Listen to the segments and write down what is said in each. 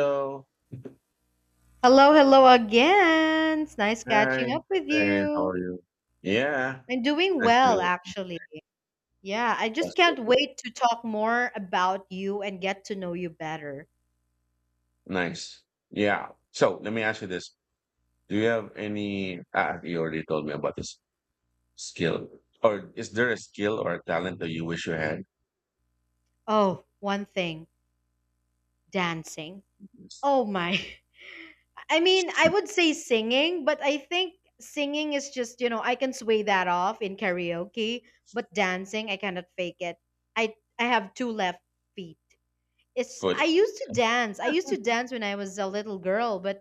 Hello. Hello, hello again. It's nice catching Hi. up with Hey. How you. are you? Yeah. I'm doing Nice well, to actually. Yeah, I just That's you. can't wait to talk more about you and get to know you better. Nice. Yeah. So let me ask you this. Do you have any ah, You already told me about this skill. Or is there a skill or a talent that you wish you had? Oh, one thing dancing. Yes. Oh, my. I mean, I would say singing, but I think singing is just, you know, I can sway that off in karaoke, but dancing, I cannot fake it. I have two left feet. It's Foot. I used to dance I used to dance when I was a little girl, but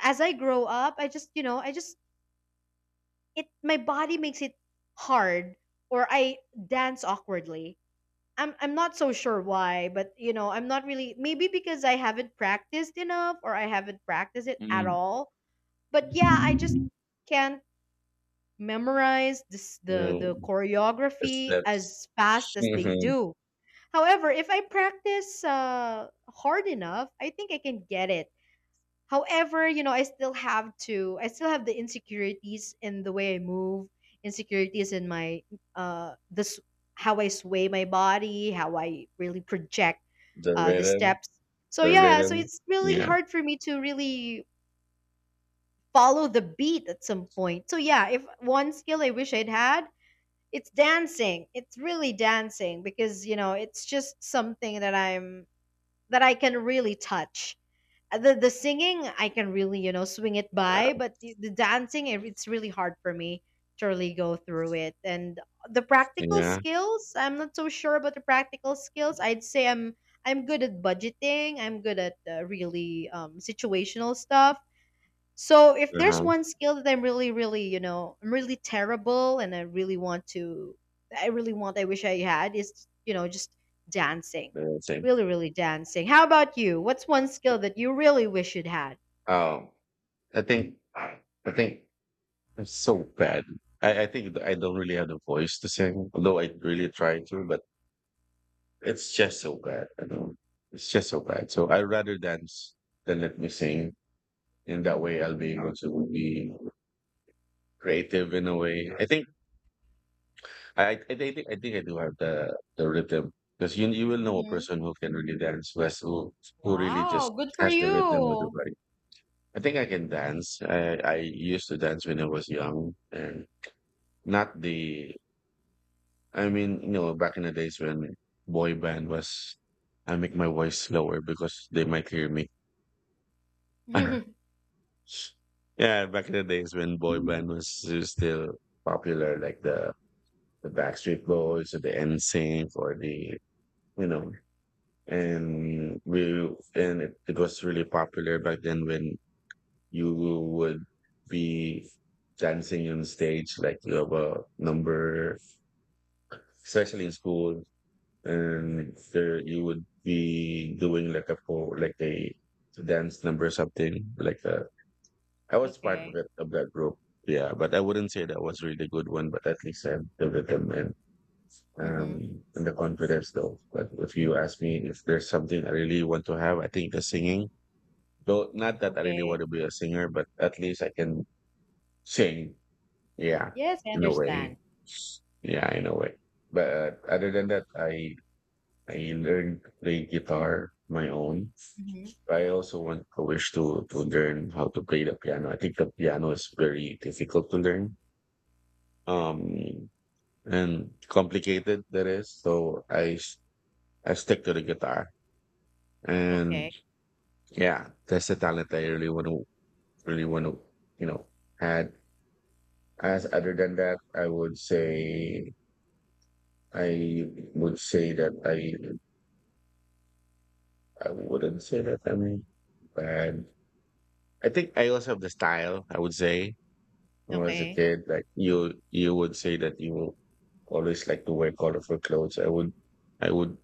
as I grow up, I just, you know, I just it my body makes it hard, or I dance awkwardly. I'm not so sure why, but you know I'm not really, maybe because I haven't practiced enough or I haven't practiced it at Mm. all. But yeah, I just can't memorize this the Mm. The choreography steps. as fast as they Mhm. do. However, if I practice hard enough, I think I can get it. However, you know, I still have the insecurities in the way I move, insecurities in my, uh, this, how I sway my body, how I really project The the rhythm. steps. So, The yeah, so rhythm. it's really Yeah. hard for me to really follow the beat at some point. So, yeah, if one skill I wish I'd had, it's dancing. It's really dancing because, you know, it's just something that I can really touch the singing, I can really you know swing it Yeah. by, but the dancing it's really hard for me to really go through it. And the practical Yeah. skills, I'm not so sure about the practical skills. I'd say I'm good at budgeting. I'm good at really situational stuff. So if there's Uh-huh. one skill that I'm really, really, you know, I'm really terrible and I really want to, I really want, I wish I had is, you know, just dancing. The same. Really, really dancing. How about you? What's one skill that you really wish you'd had? Oh. I think I think. It's so bad. I think I don't really have the voice to sing, although I really try to, but it's just so bad. I don't, It's just so bad. So I'd rather dance than let me sing. In that way, I'll be able to be creative in a way. I think I do have the rhythm, because you will know a Mm-hmm. person who can really dance, who really just Wow, good for has the rhythm with the you. body. I think I can dance. I used to dance when I was young, and not the I mean, you know, back in the days when boy band was, I make my voice lower because they might hear me. Yeah, Mm-hmm. back in the days when boy band was still popular, like the Backstreet Boys or the NSYNC or the you know, and we and it was really popular back then when you would be dancing on stage like you have a number, especially in school, and there you would be doing like a po like a dance number or something like that. I was part of Okay. that group. Yeah, but I wouldn't say that was really good one, but at least I have the rhythm, Mm-hmm. and the confidence though. But if you ask me if there's something I really want to have, I think the singing. Though not that I really want Okay. to be a singer, but at least I can sing. Yeah, Yes, I in a understand. way. Yeah, in a way. But other than that, I learned to play guitar my own. Mm-hmm. I also want to wish to learn how to play the piano. I think the piano is very difficult to learn. Um and complicated that is. So I stick to the guitar. And Okay, yeah, that's the talent I really want to really want to, you know, add. As Other than that, I would say I that I wouldn't say that I'm bad. I think I also have the style, I would say, when I was a okay. kid. Like you would say that you always like to wear colorful clothes. I would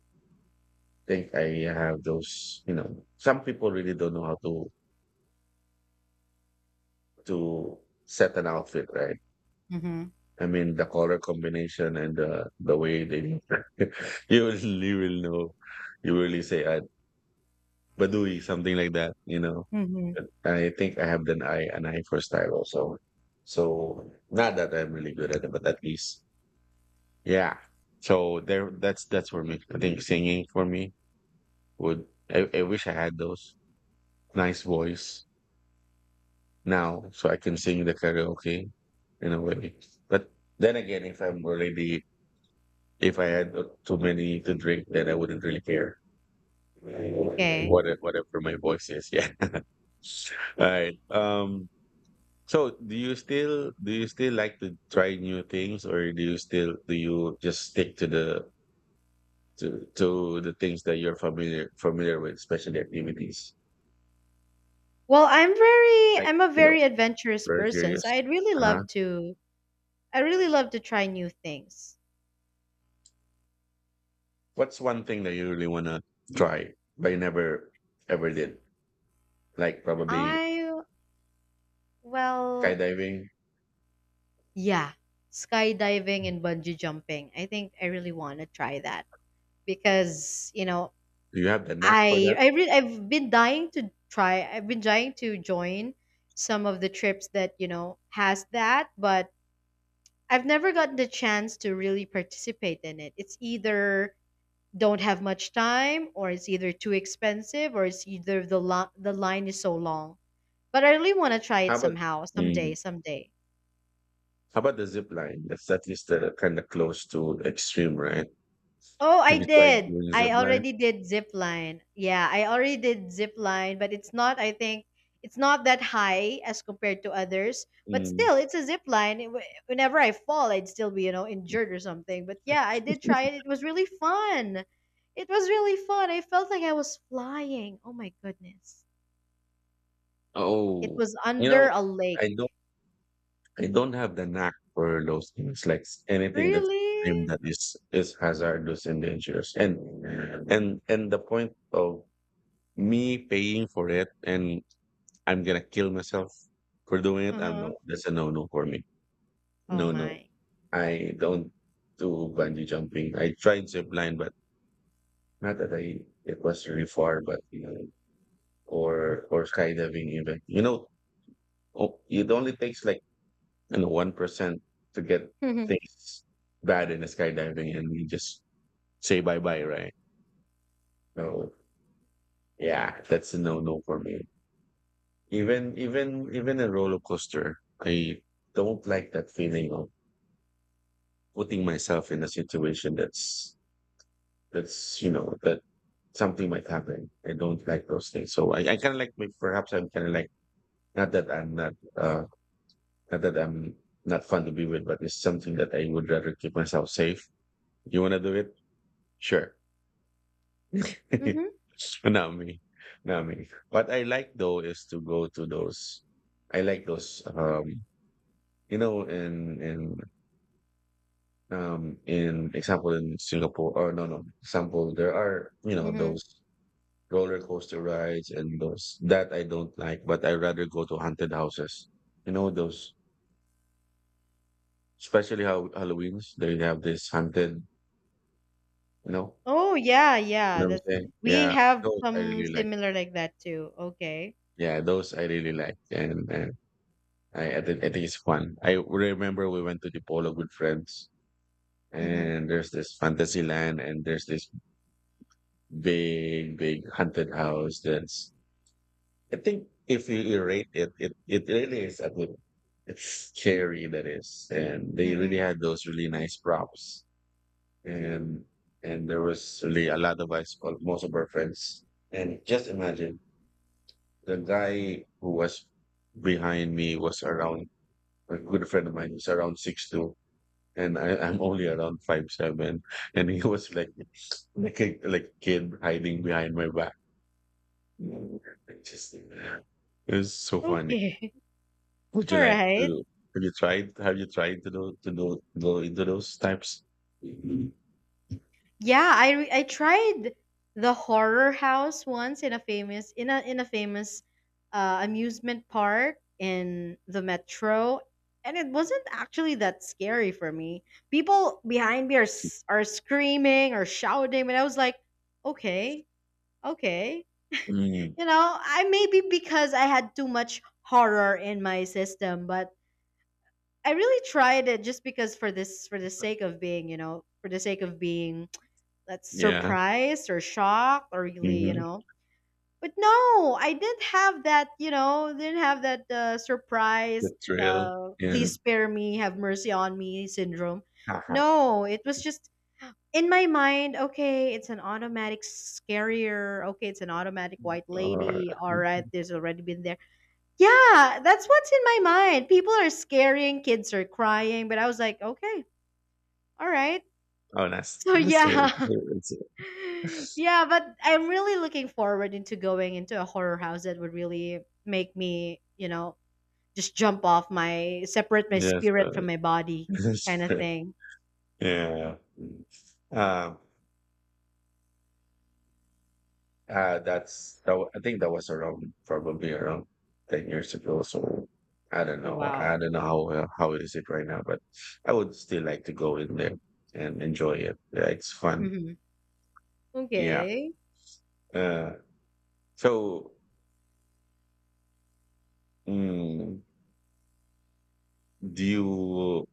think I have those. You know, some people really don't know how to set an outfit, right? Mm-hmm. I mean the color combination and the way they you will know. You really say, I Badui, something like that, you know. Mm-hmm. But I think I have an eye, for style also. So not that I'm really good at it, but at least, yeah. So there, that's for me. I think singing for me would. I wish I had those nice voice now, so I can sing the karaoke in a way. But then again, if I had too many to drink, then I wouldn't really care Okay. Whatever my voice is. Yeah. All right. So, do you still like to try new things, or do you just stick to the things that you're familiar with, especially activities, Well, I'm very, like I'm a you know, very adventurous very person, so curious. I'd really Uh huh. love to. I really love to try new things. What's one thing that you really wanna try but you never ever did? Like probably I, well, skydiving. yeah, skydiving and bungee jumping. I think I really want to try that because, you know, Do you have the knack for I that? I re- I've been dying to try. I've been dying to join some of the trips that, you know, has that, but I've never gotten the chance to really participate in it. It's either don't have much time or it's either too expensive or it's either the line is so long. But I really want to try How it about somehow, someday, mm, someday. how about the zip line? That's at least kind of close to extreme, right? Oh, I Have you tried did. doing I zip line? already did zip line. Yeah, I already did zip line, but it's not. I think it's not that high as compared to others. But Mm. still, it's a zip line. Whenever I fall, I'd still be you know injured or something. But yeah, I did try it. It was really fun. It was really fun. I felt like I was flying. Oh my goodness! It Oh, was you under know, a I don't lake. I don't have the knack for those things, like anything that's extreme, Really? that is hazardous and dangerous. And the point of me paying for it, and I'm gonna kill myself for doing Uh it? I huh. No, that's a no no for me. Oh No, no. my. I don't do bungee jumping. I tried zip line, but not that I it was really far, but you know, or skydiving even. You know, oh, it only takes like, 1% to get things bad in the skydiving, and we just say bye bye, right? So yeah, that's a no no for me. Even a roller coaster, I don't like that feeling of putting myself in a situation that's you know that something might happen. I don't like those things. So I kind of like, maybe perhaps I'm kind of like not that I'm not uh not that I'm not fun to be with, but it's something that I would rather keep myself safe. You want to do it? Sure. Mm-hmm. Not me, not me. What I like though is to go to those. I like those. You know, in in in example in Singapore, or no, no, example, there are, you know, Mm-hmm. those roller coaster rides, and those that I don't like, but I rather go to haunted houses. You know those, especially how Halloween's they have this haunted. You know, Oh yeah, you yeah. know what That's I'm saying? We Yeah, have those I some really like. similar like that too. Okay. Yeah, those I really like, and and. I think it's fun. I remember we went to the polo with friends, Mhm. and there's this fantasy land, and there's this big, big haunted house. That's, I think, if you rate it, it really is a good. It's scary that is, and they really Mhm. had those really nice props, and and there was really a lot of us, called most of our friends, and just imagine, the guy who was behind me was around, a good friend of mine was around 6'2", and I'm only around 5'7", and he was like like a kid hiding behind my back. It was so funny. Okay. Would All you like right. to? Have you tried? Have you tried to do go into those types? Mhm. Yeah, I tried the horror house once in a famous amusement park in the metro, and it wasn't actually that scary for me. People behind me are screaming or shouting, but I was like, okay, okay. Mm, You know, I maybe because I had too much horror in my system, but I really tried it just because for the sake of being, you know, for the sake of being that's yeah, surprised or shocked or really, you hmm, know. But no, I didn't have that, you know, didn't have that the surprise, thrill. Yeah. please spare me, have mercy on me syndrome. Haha. No, it was just in my mind, okay, it's an automatic scarier. Okay, it's an automatic white Or, lady. All right, there's already been there, yeah, that's what's in my mind. People are scaring, kids are crying, but I was like, okay, all right. oh, that's, So that's it. yeah. It's- Yeah, but I'm really looking forward into going into a horror house that would really make me, you know, just jump off my separate my Yes. spirit from my body kind of thing. yeah. Mm-hmm. That's that. I think that was around probably around 10 years ago. So I don't know. Wow. How it is it right now, but I would still like to go in there and enjoy it. Yeah, it's fun. Hmm. Yeah. Okay. Uh, so mm, do you,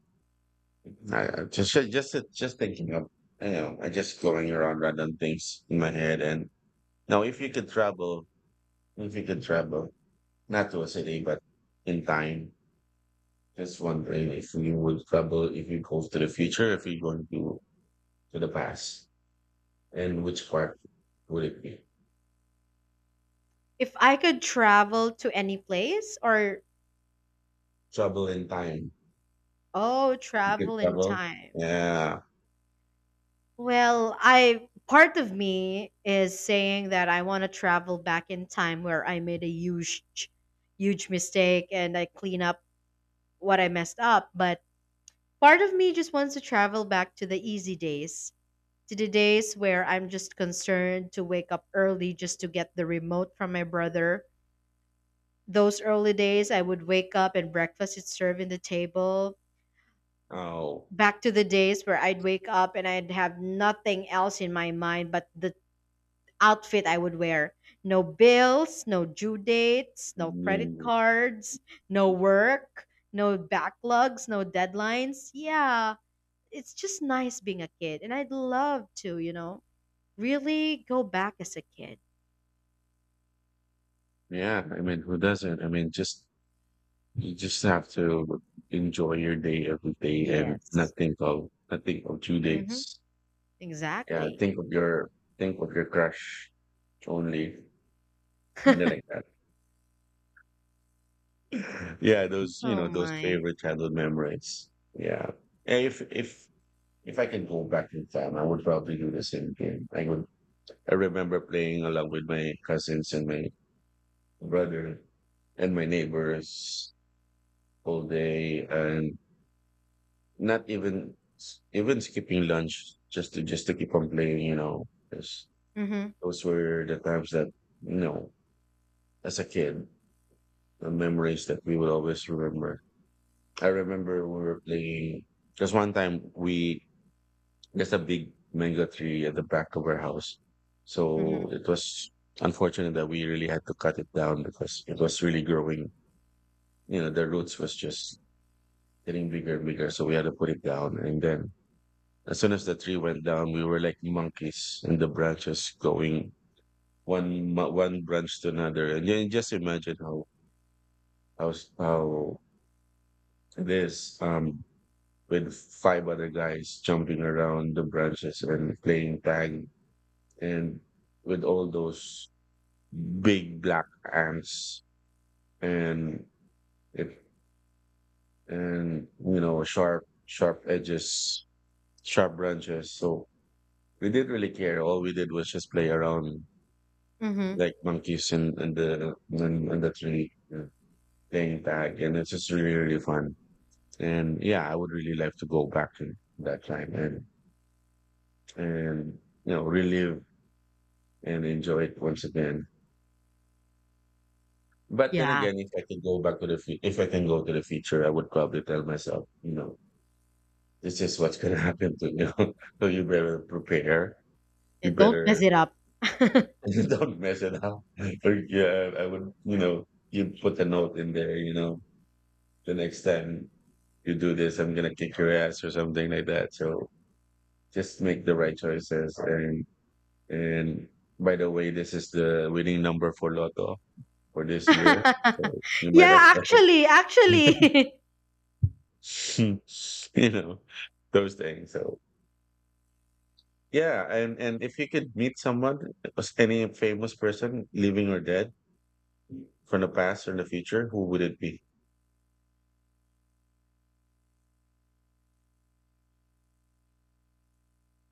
just thinking of, you know, I just going around random things in my head, and now, if you could travel not to a city but in time. Just wondering if you would travel, if you go to the future, if you going to the past, and which part would it be? If I could travel to any place or Travel in time. oh, If you could travel in travel, time. yeah. Well, I part of me is saying that I want to travel back in time where I made a huge mistake and I clean up what I messed up, but part of me just wants to travel back to the easy days, to the days where I'm just concerned to wake up early just to get the remote from my brother. Those early days I would wake up and breakfast is served in the table. Oh, Back to the days where I'd wake up and I'd have nothing else in my mind but the outfit I would wear. No bills, no due dates, no credit mm, cards, no work, no backlogs, no deadlines. Yeah, it's just nice being a kid. And I'd love to, you know, really go back as a kid. yeah. I mean, who doesn't? I mean, just you just have to enjoy your day every day and Yes. Not think of due Mm-hmm. dates. Yeah, Exactly. Think of your crush only, kind of like that. Yeah, Oh those my. favorite childhood memories. Yeah. And, if I can go back in time, I would probably do the same thing. I remember playing along with my cousins and my brother and my neighbors all day, and not even skipping lunch, just to keep on playing, you know. 'Cause Mm-hmm. those were the times that, you know, as a kid, the memories that we will always remember. I remember we were playing. There's one time, we there's a big mango tree at the back of our house, Mm-hmm. so it was unfortunate that we really had to cut it down because it was really growing. You know, the roots was just getting bigger and bigger, so we had to put it down. And then, as soon as the tree went down, we were like monkeys in the branches going one branch to another. And you just imagine how how how this with five other guys jumping around the branches and playing tag, and with all those big black ants, and it and you know sharp edges, sharp branches. So we didn't really care. All we did was just play around Mm-hmm. like monkeys in the tree. Yeah, playing tag, and it's just really really fun. And yeah, I would really like to go back to that time, and and relive and enjoy it once again. But then Yeah. again, if I can go back to the future, if I can go to the future, I would probably tell myself, this is what's going to happen to you. So you better prepare. You And don't mess better it up. don't mess it up. Or, yeah, I would, you know, you put a note in there, the next time you do this, I'm going to kick your ass or something like that. So just make the right choices. And by the way, this is the winning number for Lotto for this year. So you might as Yeah, well actually. you know those things, so yeah, and if you could meet someone, as any famous person living or dead from the past or the future, who would it be?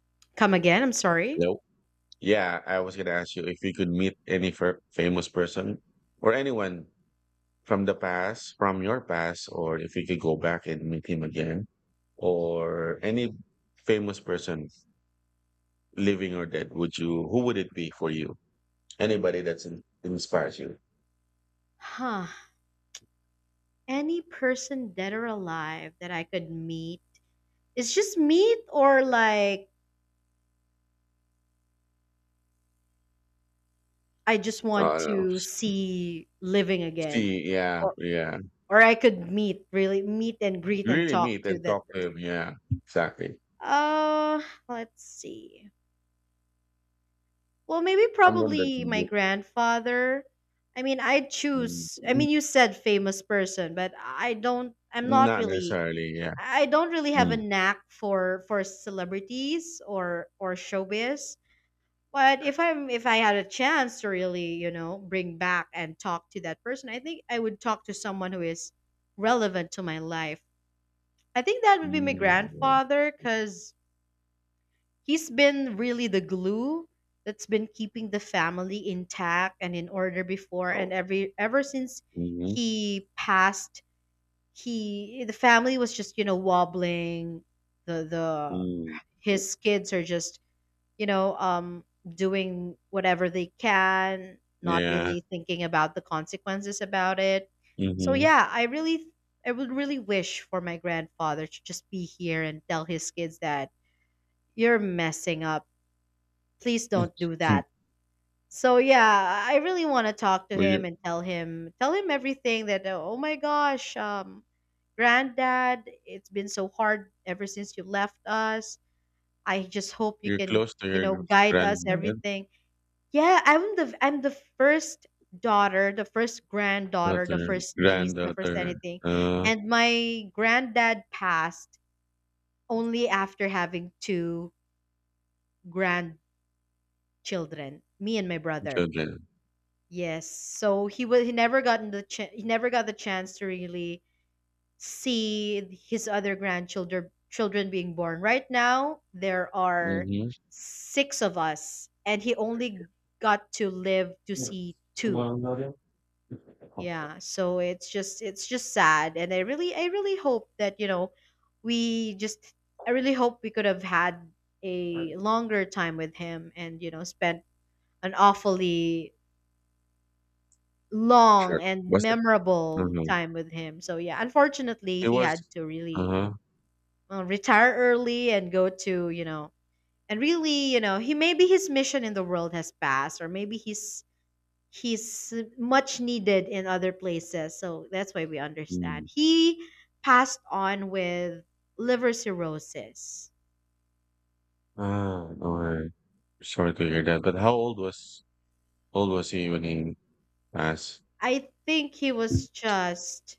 Come again. I'm sorry. Hello. Yeah, I was going to ask you if you could meet any famous person or anyone from your past, or if you could go back and meet him again, or any famous person living or dead, would you who would it be for you, anybody that's inspires you? Huh. Any person dead or alive that I could meet is just meet or like I just So, want I don't know. to see living again. See, yeah, Or yeah. or I could meet, really meet and greet and Really talk meet to and that talk to person. him. Yeah, exactly. Uh, let's see. Well, maybe Someone that you probably my look, grandfather. I mean, I'd mm, choose. I mm, mean, you said famous person, but I don't. I'm not not really. necessarily. Yeah. I don't really have a Mm. knack for celebrities or showbiz. But if I had a chance to really, you know, bring back and talk to that person, I think I would talk to someone who is relevant to my life. I think that would be my Mm. grandfather cuz he's been really the glue that's been keeping the family intact and in order before and Oh. ever since Hmm. he passed, he the family was just, you know, wobbling. The Mm. his kids are just you know, doing whatever they can, not Yeah. really thinking about the consequences about it. So Mm-hmm. yeah, I would really wish for my grandfather to just be here and tell his kids that you're messing up. Please don't do that. So yeah, I really want to talk to Were him you and tell him everything that oh my gosh, granddad, it's been so hard ever since you left us. I just hope you you're can, close to you your know, guide us granddad, everything, yeah, I'm the first daughter, the first granddaughter, the daughter, first niece, the first granddaughter, anything. uh, And my granddad passed only after having two grandchildren, me and my brother. children. Yes. So he never gotten the ch- he never got the chance to really see his other grandchildren children being born. Right now there are Mm-hmm. six of us and he only got to live to see two. Yeah, so it's just sad and I really hope that, you know, we just I really hope we could have had a longer time with him and, you know, spent an awfully long Sure. and Was it? memorable Mhm. time with him. So yeah, unfortunately, It he was. had to really Uh-huh. Retire early and go to, you know, and really, you know, he maybe his mission in the world has passed or maybe he's much needed in other places. So that's why we understand. Mm. He passed on with liver cirrhosis. Ah, alright. Sorry to hear that, but how old was he when he passed? I think he was just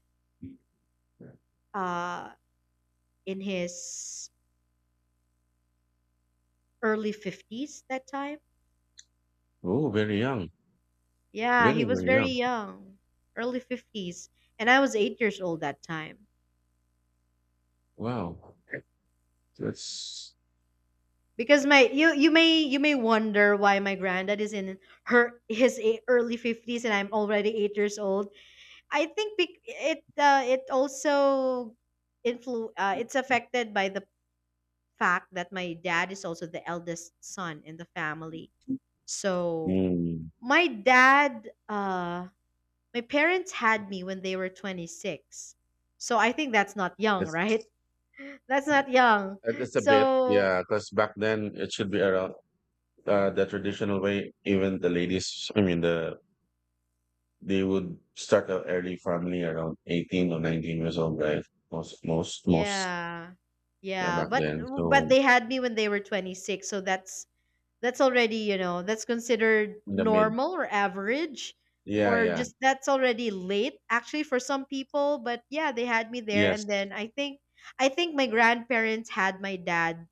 uh, in his early 50s that time. Oh, very young. Yeah, he Very, was very very young. young, early 50s. And I was 8 years old that time. Wow. That's Because my you you may wonder why my granddad is in early fifties and I'm already 8 years old. I think bec- it it also influ it's affected by the fact that my dad is also the eldest son in the family. So mm, my dad uh my parents had me when they were 26. So I think that's not young, right? that's That's not young. That's a bit, So yeah. Because back then it should be around, the traditional way, even the ladies, I mean they would start an early family around 18 or 19 years old, right? Most, yeah. yeah, Yeah, back but then. but So they had me when they were 26, so that's already you know that's considered in the mid. normal or average Yeah, or yeah. just that's already late actually for some people but yeah they had me there Yes, and then I think my grandparents had my dad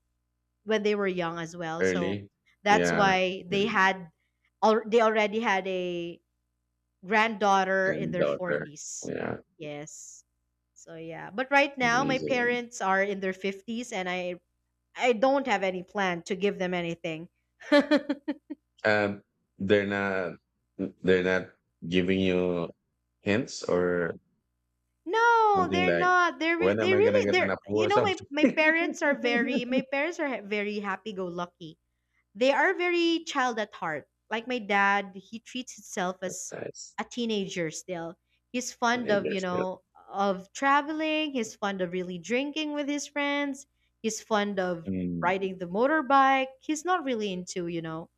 when they were young as well, so early. that's Yeah, why her they already had a granddaughter in and their daughter. 40s, Yeah, yes, so yeah, but right now my amazing. parents are in their 50s and I don't have any plan to give them anything. Um, they're not they're not giving you hints or No, something, they're like not. They're re- when am they I gonna really get an they're apple you or know my something? Parents are very, my parents are very happy go lucky. They are very child at heart. Like my dad, he treats himself That's as nice. a teenager still. He's fond of, you Interesting. know, of traveling, he's fond of really drinking with his friends, he's fond of Mm, riding the motorbike. He's not really into, you know,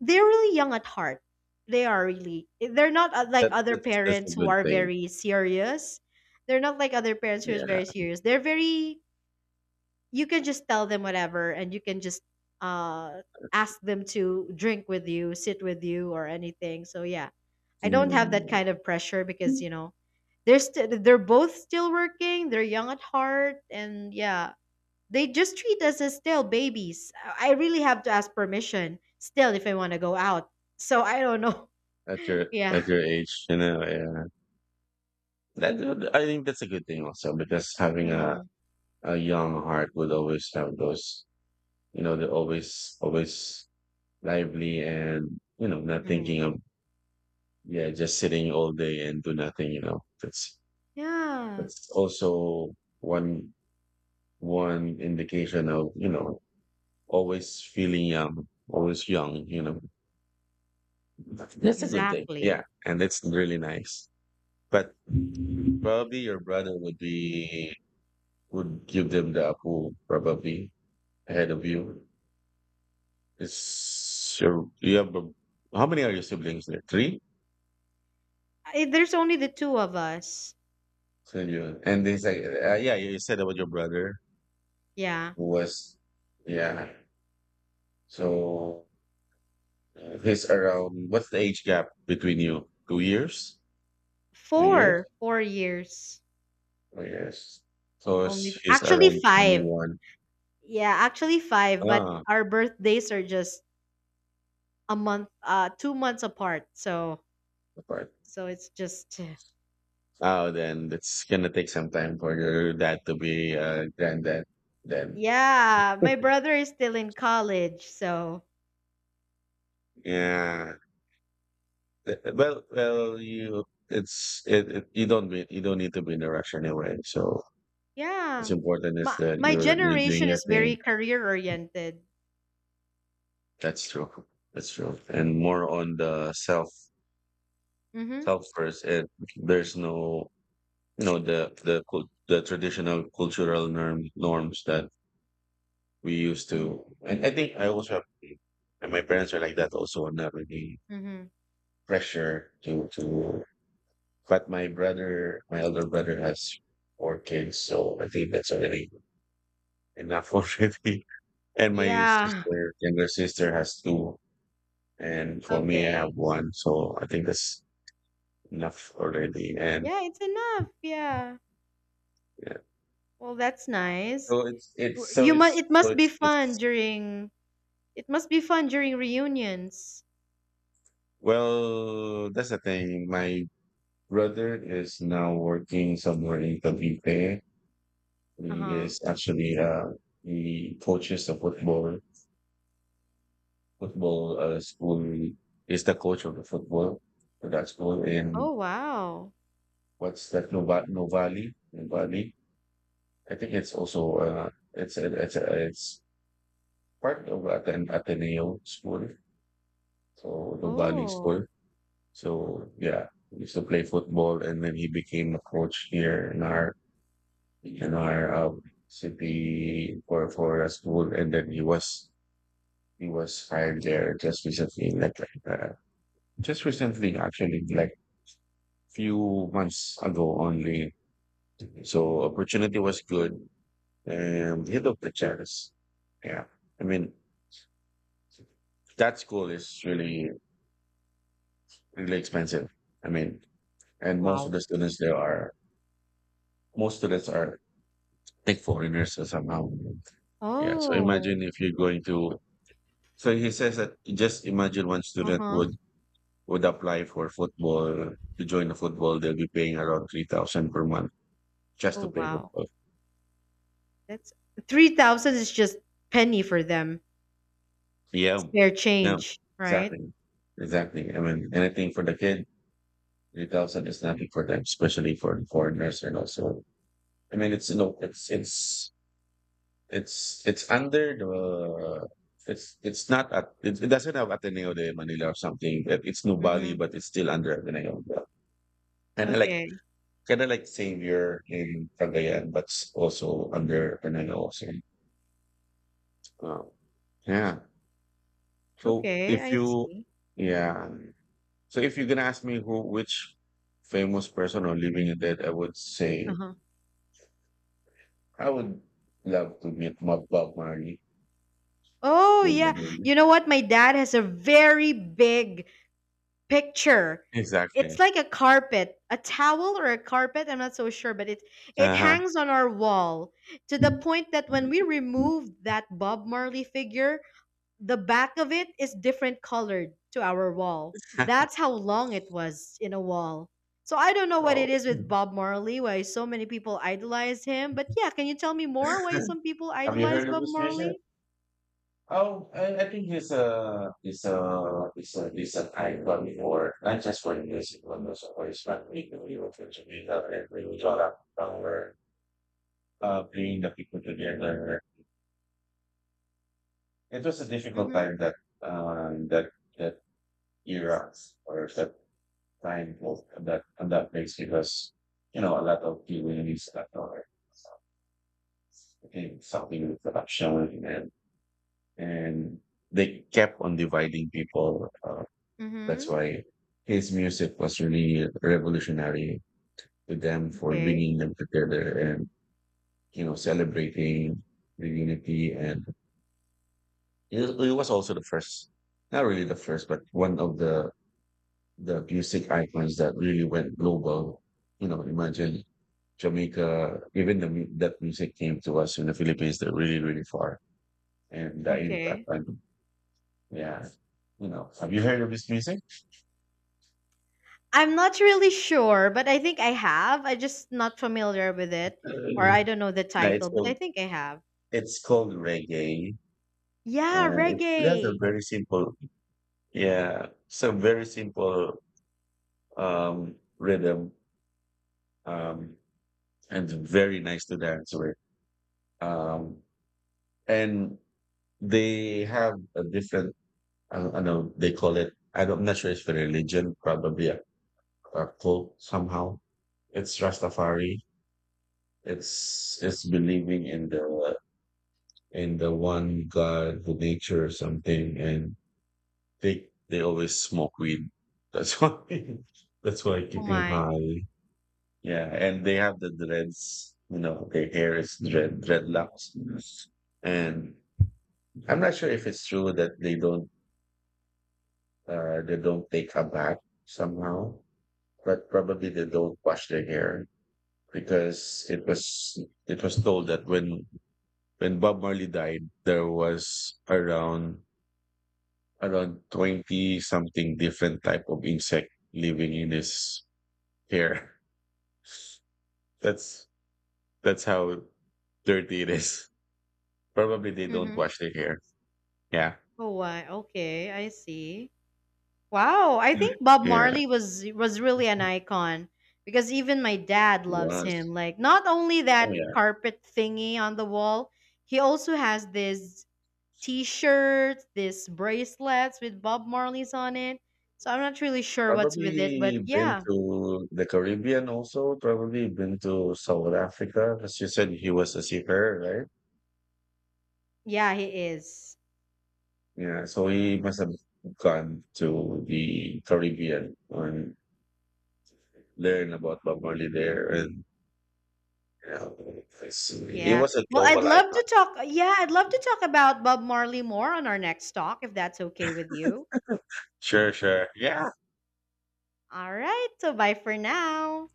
they're really young at heart. They are really. They're not like that other that's that's a parents who good are thing. very serious. They're not like other parents who is Yeah. very serious. They're very. You can just tell them whatever, and you can just uh, ask them to drink with you, sit with you, or anything. So yeah, I don't have that Mm. kind of pressure because you know they're both still working. They're young at heart, and yeah, they just treat us as still babies. I really have to ask permission still if I want to go out. So I don't know. At your Yeah. at your age, yeah. That. I think that's a good thing also, because having a hmm a young heart would always have those. They're always always lively, and not hmm thinking of, yeah, just sitting all day and do nothing. That's Yeah. that's also one one indication of, always feeling young, always young. That's a good thing. Yeah. Exactly. And it's really nice. But probably your brother would be would give them the approval probably ahead of you. It's your you have a- how many are your siblings there? Three? There's only the two of us. So you and this, like, yeah, you said about your brother Yeah. who was. Yeah. So he's around what's the age gap between you? 2 years? 2 years? Four. 4 years. Oh yes. So Only. he's Actually, around twenty five. one. Yeah. Actually, five. But Ah, our birthdays are just a month, 2 months apart. So, right. so it's just. Oh, then it's gonna take some time for your dad to be a granddad. Then Yeah, my brother is still in college, so. yeah. Well, you it's it, it you don't be you don't need to be in a rush anyway. So what's Yeah. important is My that my you're doing generation your is thing. very career oriented. That's true. That's true. And more on the self Mhm. self first, and there's no, the traditional cultural norms that we used to, and I think I also have, and my parents are like that also. I'm not really Mhm. pressure to but my elder brother has four kids, so I think that's already enough already. And Yeah. Younger sister has two, and for me I Okay. have one. So I think that's enough already. And Yeah, it's enough. Yeah. yeah. Well, that's So nice. it's it's so You must it's it so must be it's fun it's during it must be fun during reunions. well, that's the thing. My brother is now working somewhere in Cavite. He Uh-huh. is actually he coaches a football school. Is the coach of the football for that school in, Oh, wow. what's that, Novali. I think it's also it's part of Ateneo school. So Novali Oh. school. So yeah, he used to play football, and then he became a coach here in our in our um, city for a school, and then he was hired there just recently, like, just recently actually, like few months ago only. So opportunity was good, and he took the chance. Yeah, I mean, that school is really really expensive. I mean, and Wow. Most students are take foreigners or somehow. Yeah. So Oh. imagine if you're going to. So he says that, just imagine, one student Uh-huh. would apply for football to join the football. They'll be paying around 3,000 per month just to Oh, play wow. football. That's 3,000 is just penny for them. Yeah, Spare yeah. change, right? Exactly. Exactly. I mean, anything for the kid, 3,000 is nothing for them, especially for the foreigners and also. I mean, it's under the it's it's, not at it doesn't have Ateneo de Manila or something. It's Nubali, Mhm. but it's still under Ateneo. Kind of like Okay. kind of like Savior in Cagayan, but it's also under Ateneo. Also. Wow. Yeah. So Okay, if I you. see. Yeah, so if you're gonna ask me who which famous person or living and dead, I would say Uh-huh. I would love to meet Bob Marley. Oh, You know yeah. Bob Marley? You know what? My dad has a very big picture. It's Exactly. like a carpet, a towel or a carpet. I'm not so sure, but it Uh hangs on our wall to the point that when we huh. removed that Bob Marley figure, the back of it is different colored to our wall. That's how long it was in a wall. So I don't know what it Oh, is with Bob Marley, why so many people idolize him. But yeah, can you tell me more why some people have you idolize heard of Bob this music? Marley? Oh, I think he's an icon for not just for music, but also for his family. We were fortunate and we got up from where, bringing the people together. It was a difficult Mm-hmm. time, that that era, or that time of that and that place, because a lot of feelings that are, I think, something with production and they kept on dividing people. Mm-hmm. That's why his music was really revolutionary to them for Okay. bringing them together and celebrating the unity. And it was also the first, not really the first, but one of the music icons that really went global. Imagine Jamaica, even that music came to us in the Philippines. They're really really far, and the impact Okay. on. Yeah, have you heard of his music? I'm not really sure, but I think I have. I just not familiar with it, or I don't know the No, it's title, but I called think I have. it's called reggae, Yeah, and it has a reggae. very simple, yeah, so very simple rhythm, um, and very nice to dance with. Um, and they have a different, I don't I know they call it. I'm not sure, it's for religion, probably a cult somehow. It's Rastafari. It's believing in the one God, the nature, or something, and they always smoke weed. That's why that's why Oh keeping my. high. Yeah, and they have the dreads. Their hair is dreadlocks. And I'm not sure if it's true that they don't take a bath somehow, but probably they don't wash their hair, because it was told that when Bob Marley died, there was around 20 something different type of insect living in his here. That's that's how dirty it is. Probably they don't Mm-hmm. wash their hair. Yeah. Oh why? Okay, I see. Wow, I think Bob Yeah. Marley was really an icon because even my dad loves Was. him. Like not only Oh that yeah. carpet thingy on the wall, he also has this t-shirts, these bracelets with Bob Marley's on it. So I'm not really sure what's with it, Probably but been yeah, to the Caribbean also, probably been to South Africa, because you said he was a seafarer, right? yeah, he is. Yeah, so he must have gone to the Caribbean and learn about Bob Marley there, and you know, he Yeah. was a Well, I'd global love icon. to talk. Yeah, I'd love to talk about Bob Marley more on our next talk, if that's okay with you. Sure, sure. Yeah. All right. So bye for now.